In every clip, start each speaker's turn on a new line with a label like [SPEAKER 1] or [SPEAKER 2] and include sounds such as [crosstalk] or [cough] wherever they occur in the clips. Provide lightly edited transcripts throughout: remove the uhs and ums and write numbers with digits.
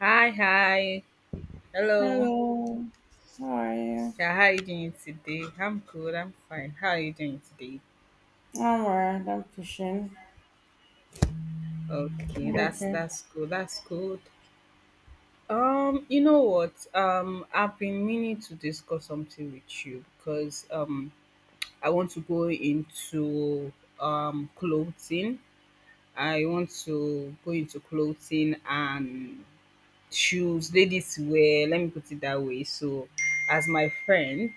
[SPEAKER 1] Hi, hi. Hello.
[SPEAKER 2] Hello. How are you?
[SPEAKER 1] Yeah, how are you doing today? I'm good. I'm fine. How are you doing today?
[SPEAKER 2] I'm alright. I'm pushing.
[SPEAKER 1] Okay,
[SPEAKER 2] I'm
[SPEAKER 1] that's
[SPEAKER 2] okay.
[SPEAKER 1] that's good. That's good. You know what? I've been meaning to discuss something with you because I want to go into clothing. I want to go into clothing and shoes, ladies wear, let me put it that way. So, as my friend,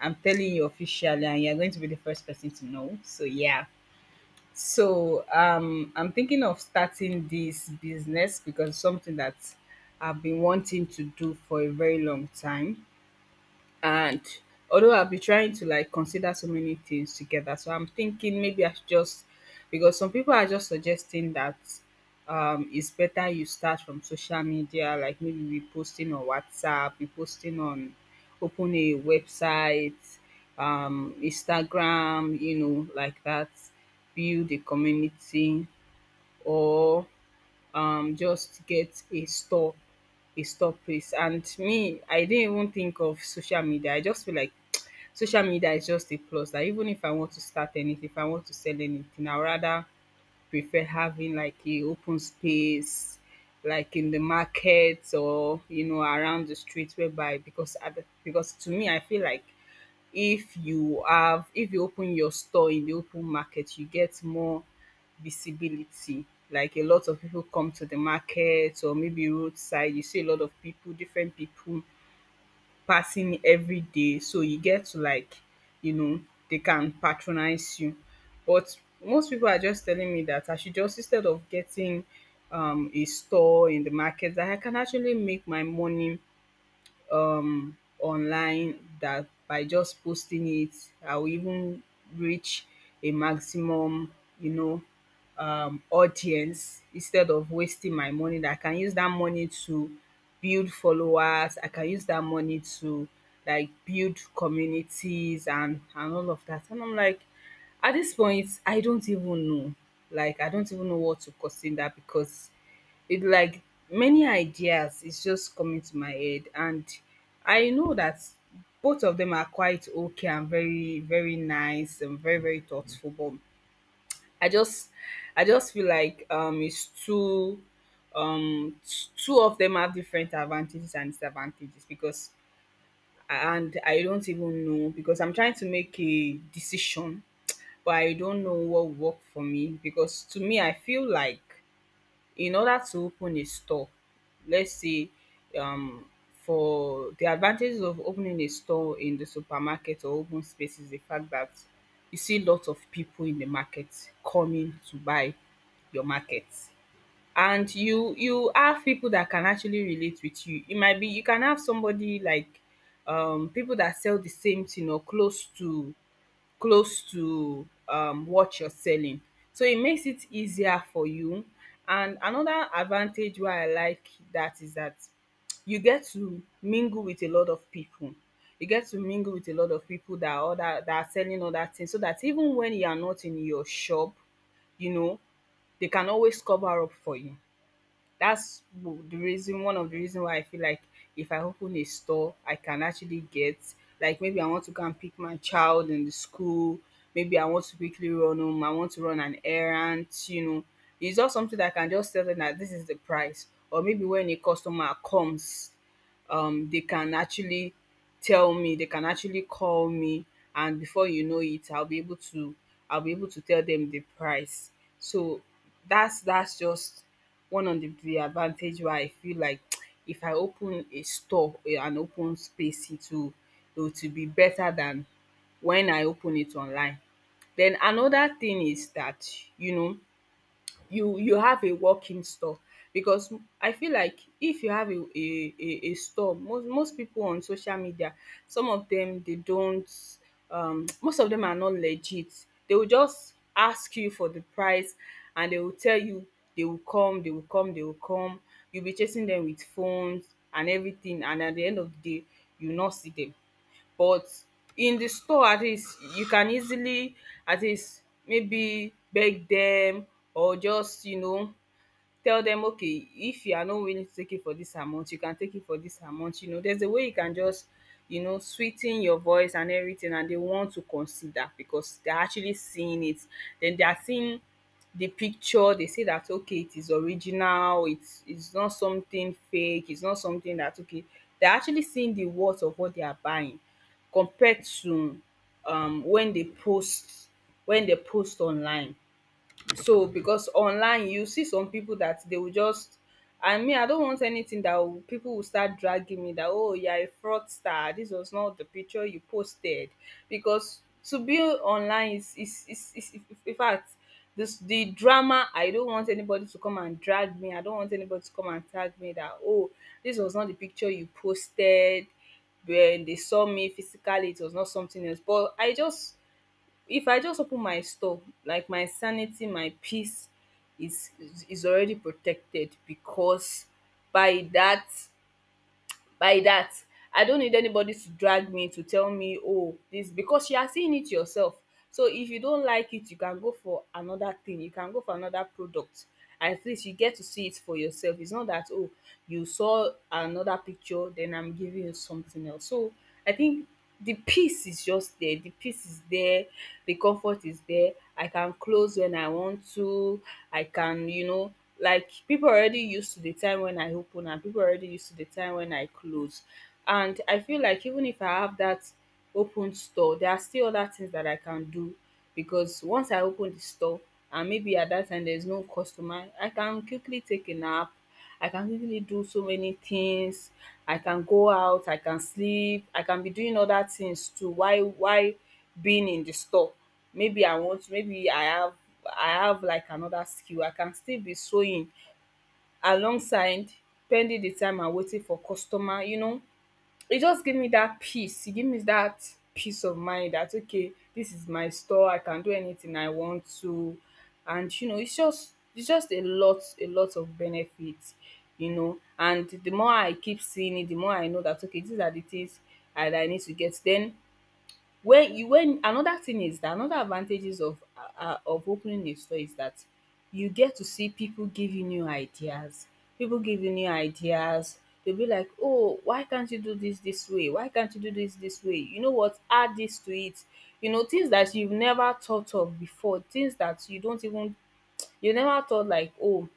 [SPEAKER 1] I'm telling you officially, and you're going to be the first person to know. So, yeah. So, I'm thinking of starting this business because it's something that I've been wanting to do for a very long time. And although I'll be trying to like consider so many things together, so I'm thinking maybe I should just because some people are just suggesting that it's better you start from social media, like maybe we posting on WhatsApp, we posting on open a website, Instagram, you know, like that, build a community, or just get a store place. And me, I didn't even think of social media. I just feel like [tsk] social media is just a plus, that even if I want to start anything, if I want to sell anything, I would rather prefer having like a open space, like in the market, or you know, around the street, whereby, because because to me I feel like, if you have, if you open your store in the open market, you get more visibility. Like a lot of people come to the market, or maybe roadside, you see a lot of people, different people passing every day, so you get to like, you know, they can patronize you. But most people are just telling me that I should just, instead of getting a store in the market, that I can actually make my money online, that by just posting it, I will even reach a maximum, you know, audience, instead of wasting my money, that I can use that money to build followers, I can use that money to like build communities, and all of that. And I'm like, at this point I don't even know. Like, I don't even know what to consider, because it like, many ideas is just coming to my head. And I know that both of them are quite okay, and very very nice and very very thoughtful, but I just, I just feel like, it's too two of them have different advantages and disadvantages. Because, and I don't even know, because I'm trying to make a decision, but I don't know what work for me, because to me I feel like, in order to open a store, let's say, um for the advantages of opening a store in the supermarket or open space, is the fact that you see lots of people in the market coming to buy your market. And you have people that can actually relate with you. It might be you can have somebody like people that sell the same thing or close to, close to what you're selling. So it makes it easier for you. And another advantage why I like that is that you get to mingle with a lot of people. You get to mingle with a lot of people that are other, that are selling other things, so that even when you are not in your shop, you know, they can always cover up for you. That's w- the reason one of the reason why I feel like, if I open a store, I can actually get, like maybe I want to go and pick my child in the school, maybe I want to quickly run home, I want to run an errand, you know. It's just something that I can just tell them that this is the price. Or maybe when a customer comes, they can actually tell me, they can actually call me, and before you know it, I'll be able to tell them the price. So that's just one of the advantage why I feel like, [tsk] if I open an open space, it will, it will to be better than when I open it online. Then another thing is that, you know, you have a working store. Because I feel like if you have a store, most people on social media, some of them they don't, [tsk] most of them are not legit. They will just ask you for the price, and they will tell you, they will come they will come they will come. You'll be chasing them with phones and everything, and at the end of the day you will not see them. But in the store at least you can easily, at least maybe beg them, or just, you know, tell them okay, if you are not willing to take it for this amount, you can take it for this amount. You know, there's a way you can just, you know, sweeten your voice and everything, and they want to consider, because they're actually seeing it. Then they are seeing the picture. They say that okay, it is original, it's not something fake, it's not something that, okay, they're actually seeing the worth of what they are buying. Compared to when they post, when they post online. So because online, you see some people that they will just, and me, I don't want anything that will, people will start dragging me, that oh, you're a fraudster, this was not the picture you posted. Because to be online is, in fact, this, the drama. I don't want anybody to come and drag me. I don't want anybody to come and tag me that oh, this was not the picture you posted, when they saw me physically it was not something else. But I just, if I just open my store, like my sanity, my peace is already protected. Because by that by that I don't need anybody to drag me, to tell me oh this, because you are seeing it yourself. So if you don't like it, you can go for another thing, you can go for another product. At least you get to see it for yourself. It's not that oh, you saw another picture then I'm giving you something else. So I think the peace is just there, the peace is there, the comfort is there. I can close when I want to, I can, you know, like people already used to the time when I open, and people already used to the time when I close. And I feel like even if I have that open store, there are still other things that I can do. Because once I open the store, and maybe at that time there is no customer, I can quickly take a nap, I can easily do so many things. I can go out, I can sleep, I can be doing other things too. Why? Why being in the store? Maybe I want, maybe I have, I have like another skill, I can still be sewing alongside, pending the time I waiting for customer. You know, it just gave me that peace. It gave me that peace of mind that okay, this is my store, I can do anything I want to. And you know, it's just, it's just a lot of benefits, you know. And the more I keep seeing it, the more I know that okay, these are the things that I need to get. Then when you, when another thing is that, another advantages of, opening a store, is that you get to see people give you new ideas. People give you new ideas. They'll be like, "Oh, why can't you do this this way? Why can't you do this this way? You know what? Add this to it." You know, things that you've never thought of before, things that you don't even you never thought. Like, "Oh,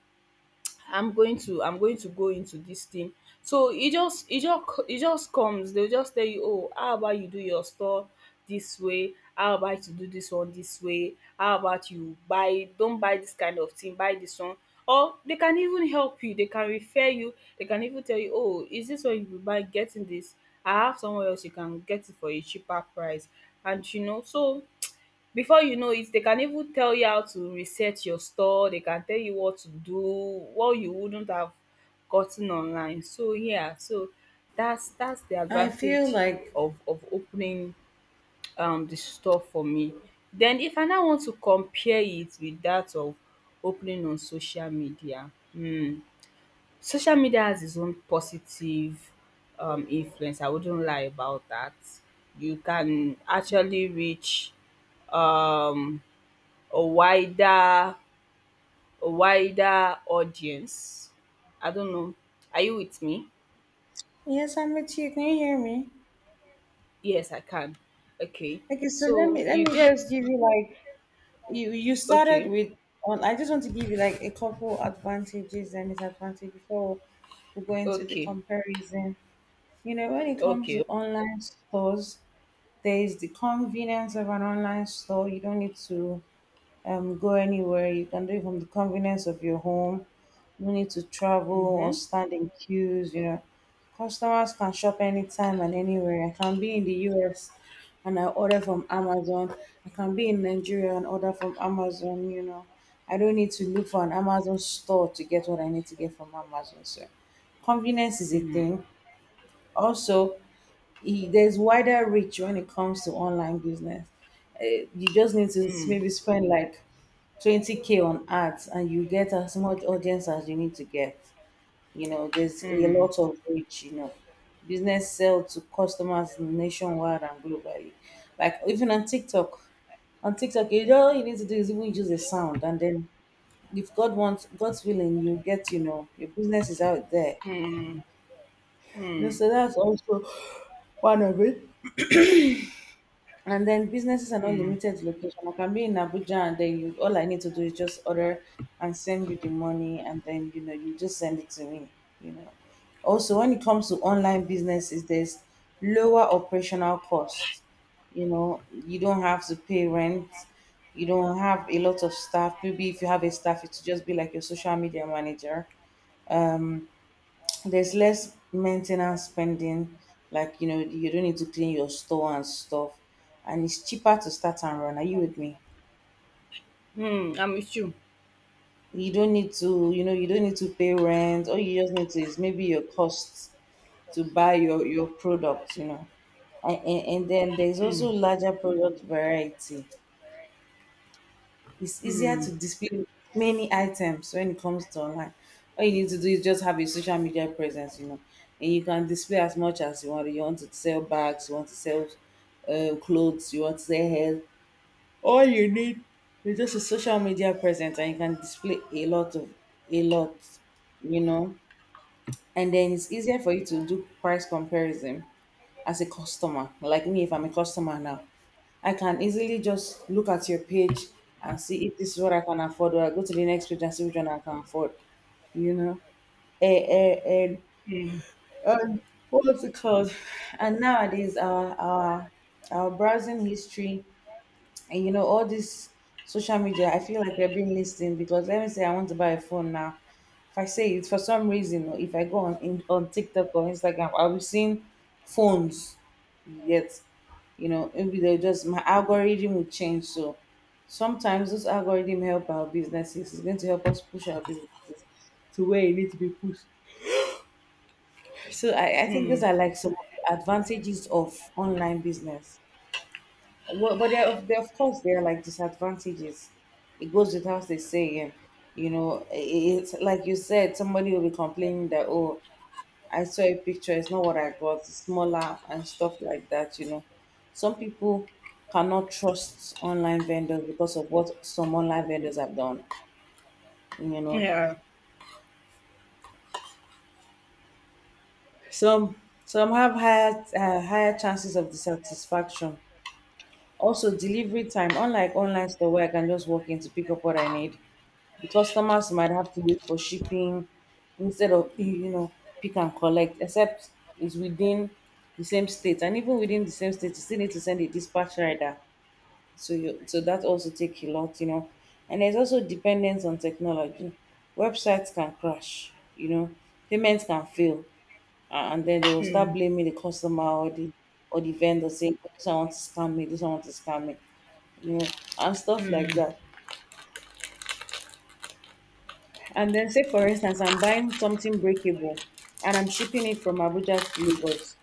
[SPEAKER 1] I'm going to go into this thing." So it just comes. They'll just tell you, oh, how about you do your store this way? How about you do this one this way? How about you buy, don't buy this kind of thing, buy this one. Or they can even help you, they can refer you, they can even tell you, oh, is this what you will buy? Getting this, I have somewhere else you can get it for a cheaper price. And so before you know it, they can even tell you how to reset your store. They can tell you what to do, what you wouldn't have gotten online. So yeah, so that's the
[SPEAKER 2] I feel
[SPEAKER 1] advantage
[SPEAKER 2] like
[SPEAKER 1] of opening the store for me. Then if I now want to compare it with that of opening on social media, social media has its own positive influence. I wouldn't lie about that. You can actually reach um a wider, a wider audience. I don't know. Are you with me?
[SPEAKER 2] yes, I'm with you. Can you hear me?
[SPEAKER 1] Yes, I can. Okay.
[SPEAKER 2] Okay, so let
[SPEAKER 1] So
[SPEAKER 2] me let
[SPEAKER 1] you
[SPEAKER 2] me just
[SPEAKER 1] get.
[SPEAKER 2] give you like you started
[SPEAKER 1] Okay,
[SPEAKER 2] with on. I just want to give you like a couple advantages and disadvantages before we go into the
[SPEAKER 1] okay,
[SPEAKER 2] comparison. You know, when it comes to
[SPEAKER 1] okay.
[SPEAKER 2] online stores, there is the convenience of an online store. You don't need to go anywhere. You can do it from the convenience of your home. No need to travel or
[SPEAKER 1] Mm-hmm.
[SPEAKER 2] stand in queues, Customers can shop anytime and anywhere. I can be in the US and I order from Amazon. I can be in Nigeria and order from Amazon, I don't need to look for an Amazon store to get what I need to get from Amazon. So convenience is a
[SPEAKER 1] Mm,
[SPEAKER 2] thing. Also, there's wider reach when it comes to online business. You just need to
[SPEAKER 1] mm,
[SPEAKER 2] maybe spend like 20k on ads and you get as much audience as you need to get. You know, there's a
[SPEAKER 1] mm,
[SPEAKER 2] lot of reach, Business sell to customers nationwide and globally. Like even on TikTok, you all you need to do is even use a sound, and then if God wants, God's willing, you get, you know, your business is out there. You know, so that's also one of it. And then businesses are not
[SPEAKER 1] mm,
[SPEAKER 2] limited to location. I can be in Abuja, and then you all I need to do is just order and send you the money, and then you know you just send it to me, you know. Also, when it comes to online businesses, there's lower operational costs. You know, you don't have to pay rent, you don't have a lot of staff. Maybe if you have a staff, it will just be like your social media manager. Um, there's less maintenance spending, like you know, you don't need to clean your store and stuff, and it's cheaper to start and run. Are you with me?
[SPEAKER 1] mm. I'm with you.
[SPEAKER 2] You don't need to, you know, you don't need to pay rent. All you just need to is maybe your costs to buy your product, you know. And then there's
[SPEAKER 1] Mm,
[SPEAKER 2] also larger product variety. It's easier
[SPEAKER 1] mm.
[SPEAKER 2] to display many items when it comes to online. All you need to do is just have a social media presence, you know, and you can display as much as you want. You want to sell bags, you want to sell clothes, you want to sell hair. All you need is just a social media presence, and you can display a lot of a lot, you know. And then it's easier for you to do price comparison as a customer. Like me, if I'm a customer now, I can easily just look at your page and see if this is what I can afford, or I go to the next page and see which one I can afford. You know, and and, and what's it called? And nowadays, our our browsing history and you know, all this social media, I feel like we're being listened, because let me say I want to buy a phone now. If I say it for some reason, or if I go on TikTok or Instagram, I'll be seeing phones. You get, you know, maybe they'll just my algorithm will change. So sometimes those algorithm help our businesses. It's going to help us push our businesses to where it needs to be pushed. So I think these are like some of the advantages of online business. Well, but of course, there are like disadvantages. It goes without saying, you know, it's like you said, somebody will be complaining that, oh, I saw a picture, it's not what I got, it's smaller and stuff like that, you know. Some people cannot trust online vendors because of what some online vendors have done, you know.
[SPEAKER 1] Yeah.
[SPEAKER 2] Some some have higher higher chances of dissatisfaction. Also, delivery time, unlike online store where I can just walk in to pick up what I need, the customers might have to wait for shipping instead of you know pick and collect, except it's within the same state, and even within the same state, you still need to send a dispatch rider. So that also take a lot, you know. And there's also dependence on technology. Websites can crash, you know, payments can fail, and then they will start blaming the customer or the vendor saying, "Oh, this one wants to scam me. This one wants to scam me," you know, and stuff like that. And then say for instance, I'm buying something breakable and I'm shipping it from Abuja to Lagos.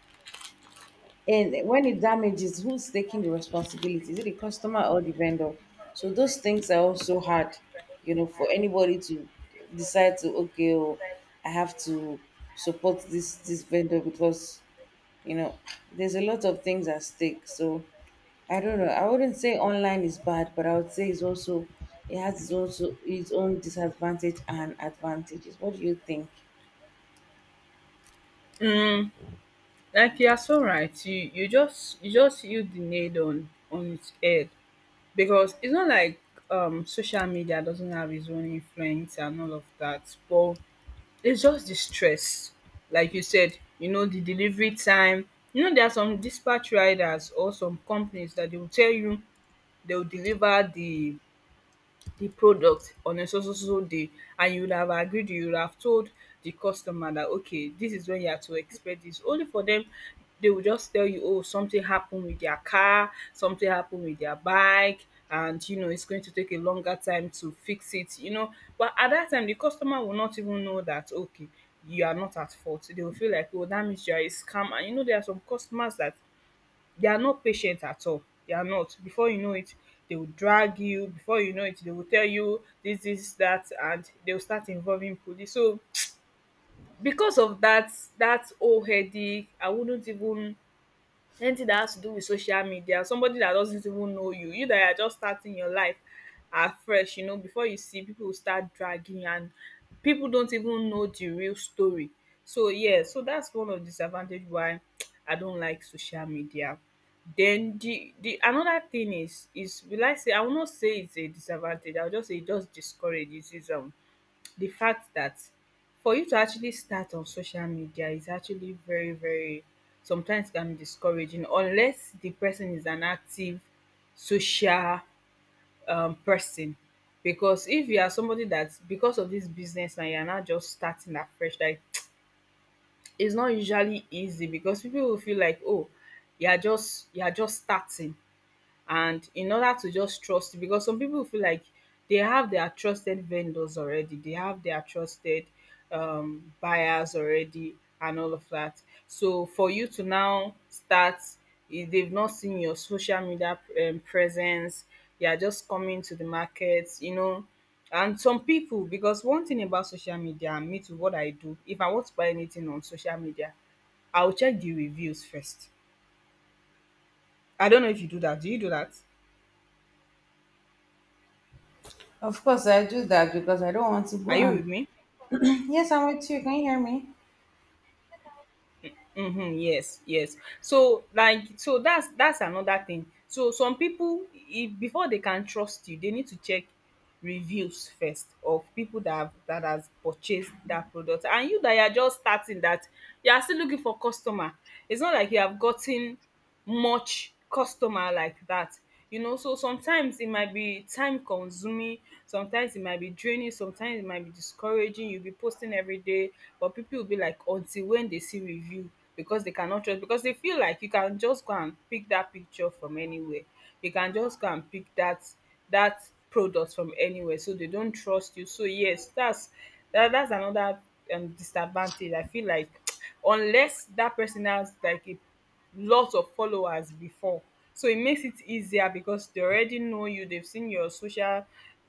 [SPEAKER 2] And when it damages, who's taking the responsibility? Is it the customer or the vendor? So those things are also hard, you know, for anybody to decide to okay, oh, I have to support this vendor because you know there's a lot of things at stake. So I don't know, I wouldn't say online is bad, but I would say it's also, it has its own its own disadvantage and advantages. What do you think?
[SPEAKER 1] Mm. Like, you are so right. You just you just hit the nail on its head. Because it's not like social media doesn't have its own influence and all of that, but it's just the stress. Like you said, the delivery time. You know, there are some dispatch riders or some companies that they will tell you they will deliver the product on a so so so so day, and you would have agreed, you would have told the customer that okay, this is when you are to expect this. Only for them, they will just tell you, oh, something happened with their car, something happened with their bike, and you know it's going to take a longer time to fix it. But at that time the customer will not even know that, okay, you are not at fault. They will feel like, oh, that means you are a scammer. And you know, there are some customers that they are not patient at all. They are not Before you know it, they will drag you. Before you know it, they will tell you this, this, that, and they will start involving police. So [tsk] because of that whole headache, I wouldn't even, anything that has to do with social media, somebody that doesn't even know you, that are just starting your life afresh, you know, before you see, people will start dragging, and people don't even know the real story. So yeah, so that's one of the disadvantage why [tsk] I don't like social media. Then the another thing is, will I say, I will not say it's a disadvantage, I will just say it just discourages. The fact that for you to actually start on social media is actually very, very, sometimes can be discouraging, unless the person is an active social person. Because if you are somebody that, because of this business, and you're not just starting afresh, like [tsk] it's not usually easy because people will feel like, oh, you're just starting. And in order to just trust, because some people feel like they have their trusted vendors already, they have their trusted buyers already, and all of that. So for you to now start, if they've not seen your social media presence, they are just coming to the market, you know. And some people, because one thing about social media, and me too, what I do, if I want to buy anything on social media, I'll check the reviews first. I don't know if you do that. Do you do that?
[SPEAKER 2] Of course I do that because I don't want to go
[SPEAKER 1] Are you with
[SPEAKER 2] and
[SPEAKER 1] me?
[SPEAKER 2] [clears throat] yes, I'm with you. Can you hear me?
[SPEAKER 1] Mhm, yes, yes. So like, so that's another thing. So some people, if before they can trust you, they need to check reviews first of people that have, that has purchased that product. And you that you are just starting, that you are still looking for customer. It's not like you have gotten much customer like that, you know. So sometimes it might be time consuming, sometimes it might be draining, sometimes it might be discouraging. You'll be posting every day, but people will be like, until when they see review, because they cannot trust. Because they feel like you can just go and pick that picture from anywhere, you can just go and pick that, that product from anywhere, so they don't trust you. So yes, that's that's another disadvantage I feel like. [tsk] Unless that person has like a lots of followers before, so it makes it easier because they already know you, they've seen your social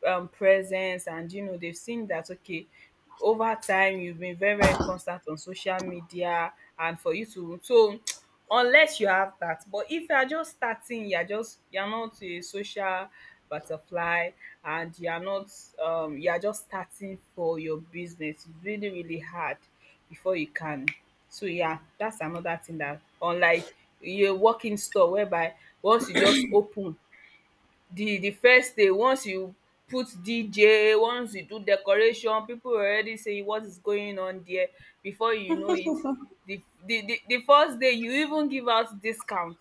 [SPEAKER 1] presence. And you know, they've seen that, okay, over time you've been very, very constant on social media. And for you to so, [tsk] unless you have that. But if you're just starting, you're just, you're not a social butterfly, and you're not, you're just starting for your business, it's really, really hard before you can. So yeah, that's another thing, that unlike a walk in store, whereby once you just open the first day, once you put DJ, once you do decoration, people will already say, what is going on there? Before you know it, the first day, you even give out discount.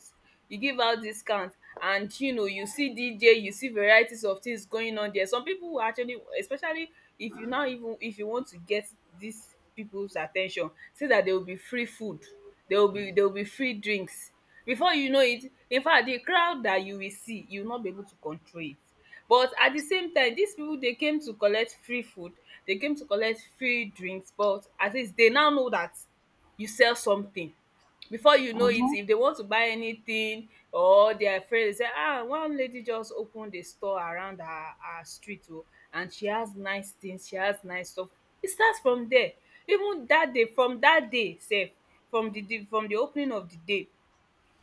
[SPEAKER 1] You give out discount, and you know, you see DJ, you see varieties of things going on there. Some people will actually, especially if you now, even if you want to get these people's at ten tion, see that there will be free food, there will be free drinks. Before you know it, in fact, the crowd that you will see, you will not be able to control it. But at the same time, these people, they came to collect free food, they came to collect free drinks, but at least they now know that you sell something. Before you know it,
[SPEAKER 2] Uh-huh.
[SPEAKER 1] if they want to buy anything, or they are afraid. They say, ah, one lady just opened a store around her street, oh, and she has nice things, she has nice stuff. It starts from there. Even that day, from that day sef, from the opening of the day,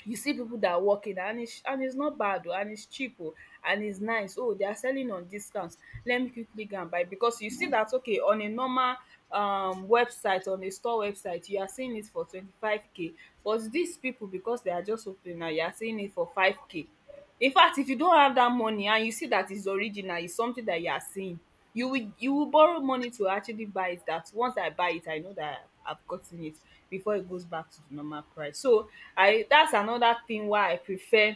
[SPEAKER 1] you see people that are working, and it's, and it's not bad oh, and it's cheap oh, and it's nice oh, they are selling on discount. Let me quickly go and buy, because you see that, okay, on a normal website, on a store website you are seeing it for 25K, but these people, because they are just opening now, you are seeing it for 5K. In fact, if you don't have that money and you see that it's original, it's something that you are seeing, you will borrow money to actually buy it. That once I buy it, I know that I've gotten it before it goes back to the normal price. So I that's another thing why I prefer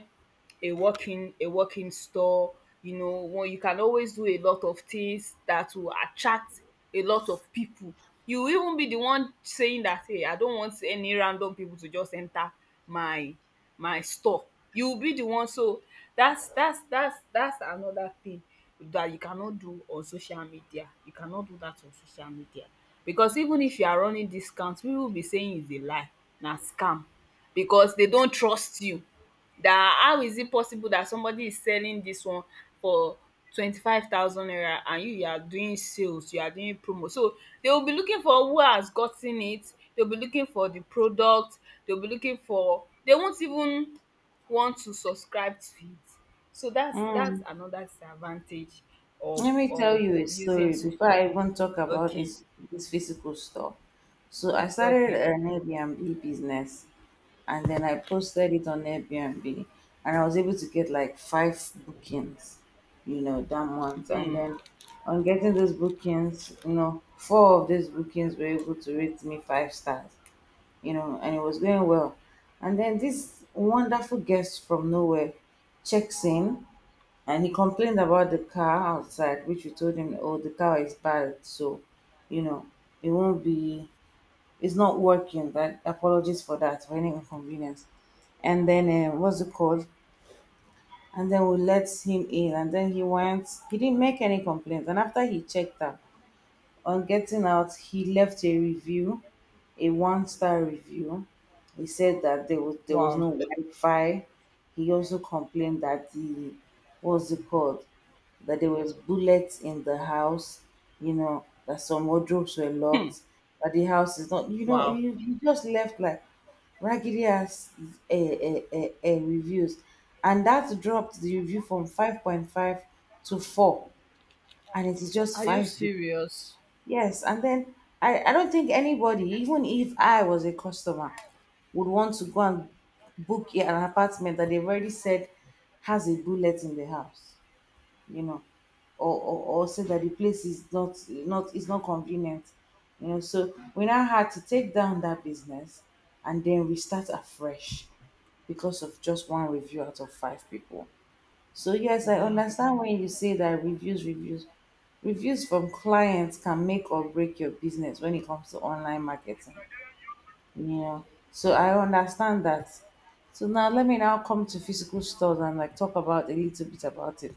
[SPEAKER 1] a working store. You know, one, you can always do a lot of things that will attract a lot of people. You will even be the one saying that, hey, I don't want any random people to just enter my store. You will be the one. So that's another thing that you cannot do on social media. You cannot do that on social media, because even if you are running discounts, people will be saying it's a lie, na scam, because they don't trust you. That how is it possible that somebody is selling this one for 25,000 naira, and you are doing sales, you are doing promo. So they will be looking for who has gotten it, they will be looking for the product, they will be looking for, they won't even want to subscribe to it. So that's
[SPEAKER 2] Mm.
[SPEAKER 1] another disadvantage of
[SPEAKER 2] Let me tell
[SPEAKER 1] of
[SPEAKER 2] you a
[SPEAKER 1] of using.
[SPEAKER 2] story
[SPEAKER 1] So
[SPEAKER 2] before I even talk about
[SPEAKER 1] okay,
[SPEAKER 2] this physical store. So I started
[SPEAKER 1] okay.
[SPEAKER 2] an Airbnb business and then I posted it on Airbnb, and I was able to get like five bookings, you know, that month. And
[SPEAKER 1] Mm.
[SPEAKER 2] then on getting those bookings, you know, four of those bookings were able to rate me five stars, you know, and it was going well. And then this wonderful guest from nowhere checks in, and he complained about the car outside, which we told him, oh, the car is bad, so, you know, it won't be it's not working. That apologies for that for any inconvenience. And then what's it called? And then we let him in, and then he went. He didn't make any complaints. And after he checked out, on getting out, he left a review, a one star review. He said that there was
[SPEAKER 1] Wow.
[SPEAKER 2] no Wi-Fi. He also complained that the what's it called that there was bullets in the house. You know that some wardrobes were locked. That the house is not. You know
[SPEAKER 1] Wow.
[SPEAKER 2] he just left like raggedy ass reviews, and that dropped the review from 5.5 to four, and it is just
[SPEAKER 1] Are you
[SPEAKER 2] five people.
[SPEAKER 1] serious?
[SPEAKER 2] Yes, and then I don't think anybody, even if I was a customer, would want to go and book an apartment that they've already said has a bullet in the house, you know, or say that the place is not not is not convenient, you know. So we now had to take down that business and then restart afresh because of just one review out of five people. So yes, I
[SPEAKER 1] Wow.
[SPEAKER 2] understand when you say that reviews from clients can make or break your business when it comes to online marketing. You know, so I understand that. So now let me now come to physical stores and like talk about a little bit about it.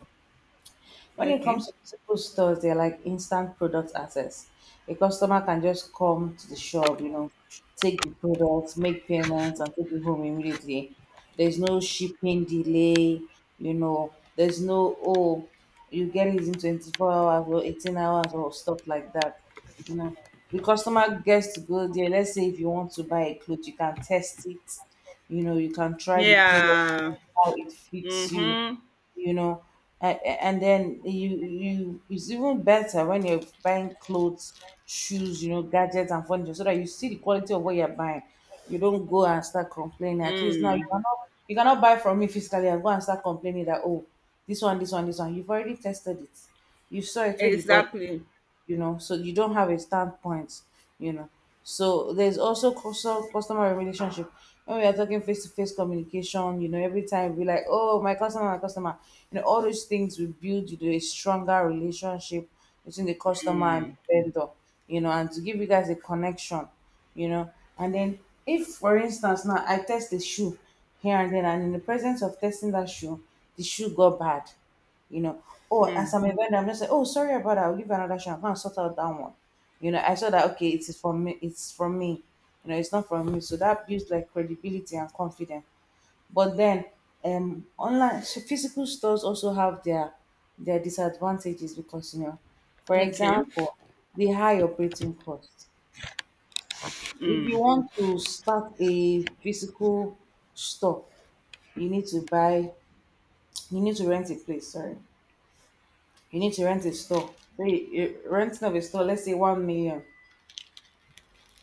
[SPEAKER 2] When it
[SPEAKER 1] Okay.
[SPEAKER 2] comes to physical stores, they're like instant product access. A customer can just come to the shop, you know, take the products, make payments, and take it home immediately. There's no shipping delay, you know, there's no, oh, you get it in 24 hours or 18 hours or stuff like that. You know, the customer gets to go there. Let's say if you want to buy a cloth, you can test it. You know, you can try the product,
[SPEAKER 1] Yeah.
[SPEAKER 2] how it fits you,
[SPEAKER 1] Mhm.
[SPEAKER 2] you know. And then you it's even better when you're buying clothes, shoes, you know, gadgets and furniture, so that you see the quality of what you're buying. You don't go and start complaining. At least now you
[SPEAKER 1] Mm.
[SPEAKER 2] cannot, you cannot buy from me physically and go and start complaining that oh this one you've already tested it, you saw it when you bought,
[SPEAKER 1] Exactly.
[SPEAKER 2] you know, so you don't have a standpoint, you know. So there's also customer relationship. When we are talking face to face communication, you know, every time we like, oh, my customer, you know, all those things will build, you know, a stronger relationship between the customer and
[SPEAKER 1] Mm.
[SPEAKER 2] the vendor, you know, and to give you guys a connection, you know. And then if, for instance, now I test the shoe here and then, and in the presence of testing that shoe, the shoe got bad you know. Oh, as
[SPEAKER 1] Mm.
[SPEAKER 2] I'm a vendor, I'm just like, oh, sorry about that. I'll give you another shot. I'm gonna sort out that one. You know, I saw that okay, it is from me. It's from me. You know, it's not from me. So that builds like credibility and confidence. But then, online so physical stores also have their disadvantages because you know, for
[SPEAKER 1] Okay.
[SPEAKER 2] example, the high operating cost. If you want to start a physical store, you need to buy. You need to rent a place. Sorry. You need to rent a store. Say renting of a store, let's say 1 million.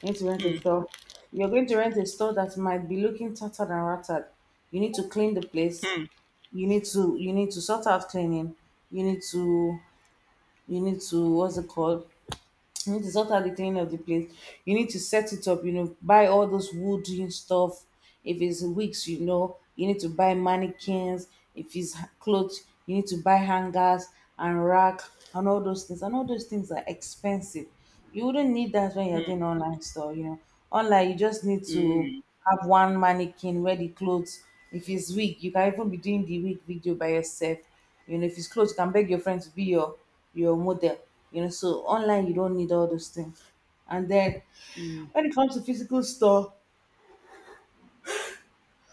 [SPEAKER 2] You need to rent a store. You're going to rent a store that might be looking tattered and rattered. You need to clean the place.
[SPEAKER 1] Hmm.
[SPEAKER 2] You need to sort out cleaning. You need to you need to what's it called? You need to sort out the cleaning of the place. You need to set it up, you know, buy all those wooden stuff. If it's wigs, you know, you need to buy mannequins. If it's clothes, you need to buy hangers and rack and all those things. And all those things are expensive. You wouldn't need that when you're doing online store, you know. Online, you just need to
[SPEAKER 1] Mm.
[SPEAKER 2] have one mannequin wear the clothes. If it's wig, you can even be doing the wig video by yourself. You know, if it's clothes, you can beg your friend to be your model. You know, so online you don't need all those things. And then when it comes to physical store,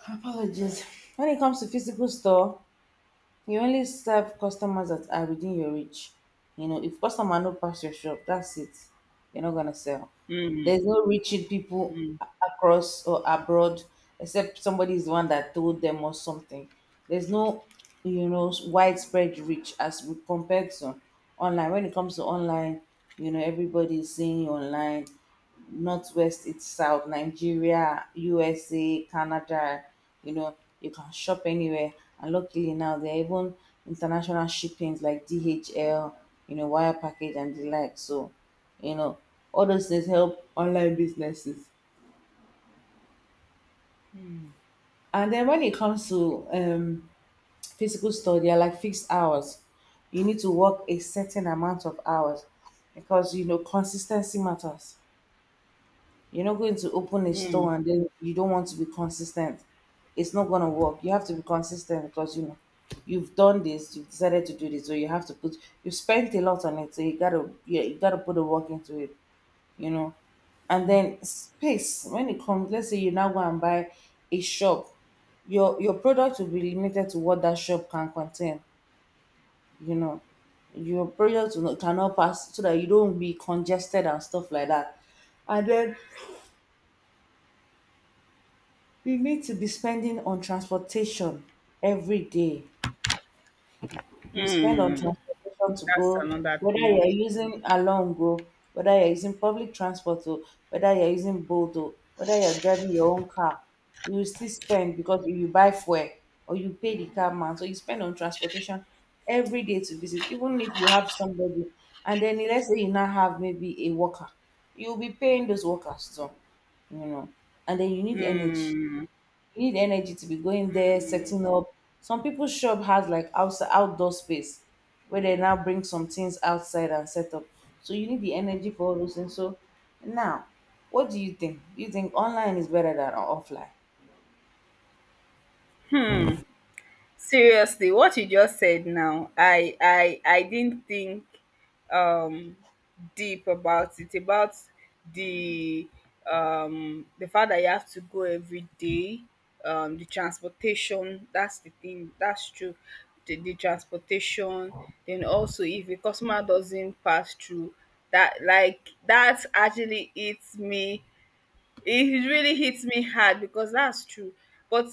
[SPEAKER 2] apologies. When it comes to physical store, you only serve customers that are within your reach. You know, if customer no pass your shop, that's it. You're not gonna sell. There's no reaching people across or abroad except somebody is the one that told them or something. There's no, you know, widespread reach as we compared to online. When it comes to online, you know, everybody is seeing you online. Northwest, it's South, Nigeria, USA, Canada, you know, you can shop anywhere. And luckily now there are even international shippings like DHL, you know, wire package and the like. So you know, all those things help online businesses. And then when it comes to physical store, they are like fixed hours. You need to work a certain amount of hours because you know consistency matters. You're not going to open a
[SPEAKER 1] Mm.
[SPEAKER 2] store and then you don't want to be consistent. It's not going to work. You have to be consistent because you know you've done this, you've decided to do this, so you have to put you spent a lot on it, so you gotta yeah, you gotta put the work into it. You know. And then space, when it comes, let's say you now go and buy a shop, your product will be limited to what that shop can contain, you know. Your product will not, cannot pass so that you don't be congested and stuff like that. And then you need to be spending on transportation every day. You spend on
[SPEAKER 1] Mm.
[SPEAKER 2] transportation to
[SPEAKER 1] That's
[SPEAKER 2] go,
[SPEAKER 1] another
[SPEAKER 2] whether
[SPEAKER 1] thing.
[SPEAKER 2] you're using along go, whether you're using public transport or whether you're using boat or whether you're driving your own car, you will still spend because you buy fuel or you pay the car man. So you spend on transportation every day to visit, even if you have somebody. And then let's say you now have maybe a worker, you'll be paying those workers too, you know. And then you need energy
[SPEAKER 1] Mm.
[SPEAKER 2] you need energy to be going there, setting up. Some people's shop has like outside outdoor space where they now bring some things outside and set up. So you need the energy for all those things. So now, what do you think? Do you think online is better than offline?
[SPEAKER 1] Seriously, what you just said now, I didn't think um deep about it about the the fact that you have to go every day, the transportation, that's the thing, that's true. The transportation. Then also, if a customer doesn't pass through that, like that actually eats me, it really hits me hard, because that's true. But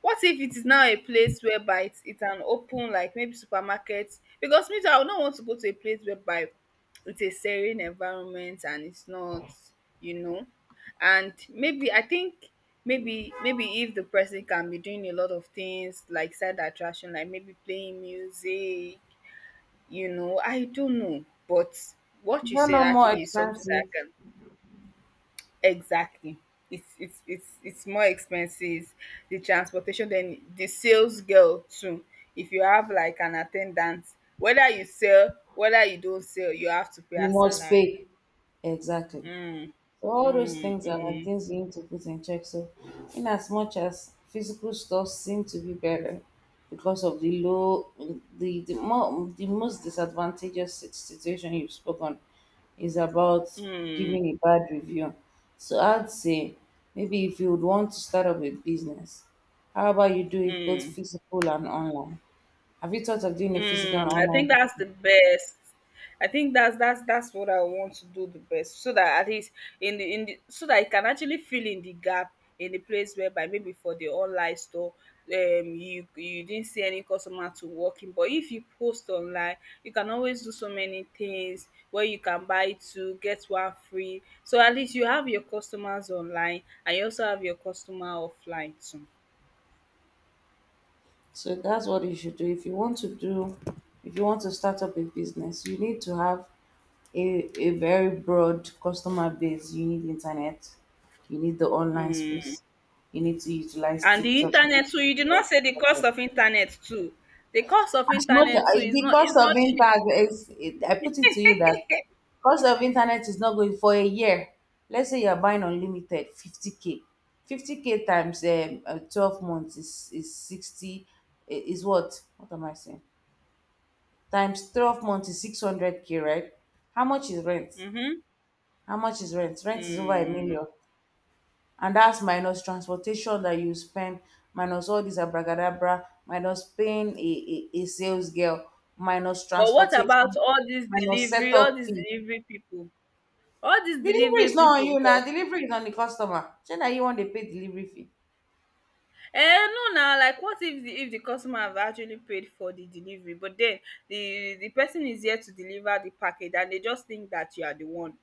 [SPEAKER 1] what if it is now a place whereby it's an open, like maybe supermarket? Because me too, I would not want to go to a place whereby it's a serene environment and it's not, you know. And maybe I think, maybe if the person can be doing a lot of things like side attraction, like maybe playing music, you know, I don't know. But what you
[SPEAKER 2] No,
[SPEAKER 1] said
[SPEAKER 2] no, more
[SPEAKER 1] actually is something that
[SPEAKER 2] expensive?
[SPEAKER 1] I can. Exactly. It's more expenses, the transportation, then the sales girl too. If you have like an attendant, whether you sell, whether you don't sell, you have to pay
[SPEAKER 2] You
[SPEAKER 1] her
[SPEAKER 2] must
[SPEAKER 1] salary.
[SPEAKER 2] pay. Exactly. So all those
[SPEAKER 1] Mm,
[SPEAKER 2] things are like
[SPEAKER 1] mm,
[SPEAKER 2] things you need to put in check. So in as much as physical stuff seem to be better because of the low the, more, the most disadvantageous situation you've spoken is about
[SPEAKER 1] mm,
[SPEAKER 2] giving a bad review. So I'd say maybe if you would want to start up a business, how about you do it both
[SPEAKER 1] mm.
[SPEAKER 2] physical and online? Have you thought of doing a physical and
[SPEAKER 1] Mm, I think
[SPEAKER 2] online?
[SPEAKER 1] that's the best. I think that's what I want to do the best, so that at least in the so that I can actually fill in the gap, in the place whereby maybe for the online store, you didn't see any customer to walk in. But if you post online, you can always do so many things where you can buy two, get one free. So at least you have your customers online, and you also have your customer offline too.
[SPEAKER 2] So that's what you should do. If you want to do, if you want to start up a business, you need to have a very broad customer base. You need internet, you need the online
[SPEAKER 1] Mm.
[SPEAKER 2] space, you need to utilize
[SPEAKER 1] And the
[SPEAKER 2] TikTok. You
[SPEAKER 1] internet too, you did
[SPEAKER 2] need
[SPEAKER 1] not
[SPEAKER 2] to
[SPEAKER 1] say the cost
[SPEAKER 2] utilize
[SPEAKER 1] of internet too. The cost of
[SPEAKER 2] as much
[SPEAKER 1] internet too
[SPEAKER 2] as
[SPEAKER 1] is not, is
[SPEAKER 2] because of
[SPEAKER 1] not cheap.
[SPEAKER 2] internet. I put it to you that because of internet is not going for a year. Let's say you're buying unlimited, 50K, 50K times 12 months is 60 is what? What am I saying? Times 12 months is 600K, right? How much is rent?
[SPEAKER 1] Mhm.
[SPEAKER 2] How much is rent? Rent is over a
[SPEAKER 1] Mm.
[SPEAKER 2] million and that's minus transportation that you spend, minus all this abracadabra, minus paying a sales girl, minus
[SPEAKER 1] But what about
[SPEAKER 2] transportation,
[SPEAKER 1] all these
[SPEAKER 2] minus
[SPEAKER 1] delivery,
[SPEAKER 2] setup fee.
[SPEAKER 1] people? All these
[SPEAKER 2] Delivery is
[SPEAKER 1] delivery
[SPEAKER 2] not on
[SPEAKER 1] people
[SPEAKER 2] you
[SPEAKER 1] nko?
[SPEAKER 2] now. Delivery is on the customer. Say that you want to pay delivery fee.
[SPEAKER 1] No na, like what if the, if the customer have actually paid for the delivery, but then the person is here to deliver the package, and they just think that you are the one.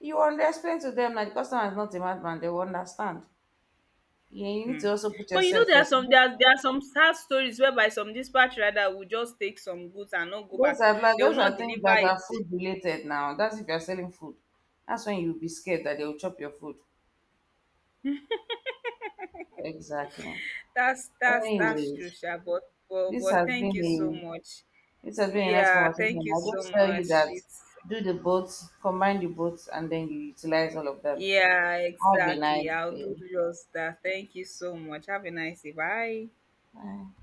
[SPEAKER 2] You want to explain to them that the customer is not a madman. They will understand. You need
[SPEAKER 1] Mm.
[SPEAKER 2] to also put
[SPEAKER 1] But you know,
[SPEAKER 2] yourself
[SPEAKER 1] there are
[SPEAKER 2] first.
[SPEAKER 1] some, there are some sad stories whereby some dispatch rider will just take some goods and not go
[SPEAKER 2] Those
[SPEAKER 1] back.
[SPEAKER 2] are like
[SPEAKER 1] They will
[SPEAKER 2] those
[SPEAKER 1] not
[SPEAKER 2] are things
[SPEAKER 1] deliver
[SPEAKER 2] that
[SPEAKER 1] it.
[SPEAKER 2] are food related now. That's if you're selling food. That's when you'll be scared that they will chop your food. Exactly.
[SPEAKER 1] That's
[SPEAKER 2] Anyway.
[SPEAKER 1] true, Sha. But but,
[SPEAKER 2] This
[SPEAKER 1] but
[SPEAKER 2] has
[SPEAKER 1] thank
[SPEAKER 2] been
[SPEAKER 1] you so
[SPEAKER 2] a
[SPEAKER 1] much.
[SPEAKER 2] this has been a nice
[SPEAKER 1] Yeah, thank
[SPEAKER 2] conversation.
[SPEAKER 1] you
[SPEAKER 2] I'll
[SPEAKER 1] so
[SPEAKER 2] just tell you
[SPEAKER 1] much.
[SPEAKER 2] that
[SPEAKER 1] It's,
[SPEAKER 2] do the both, combine the both, and then you utilize all of them.
[SPEAKER 1] yeah,
[SPEAKER 2] Have a
[SPEAKER 1] exactly.
[SPEAKER 2] nice
[SPEAKER 1] I'll do
[SPEAKER 2] day.
[SPEAKER 1] just that. Thank you so much. Have a nice day. Bye.
[SPEAKER 2] Bye.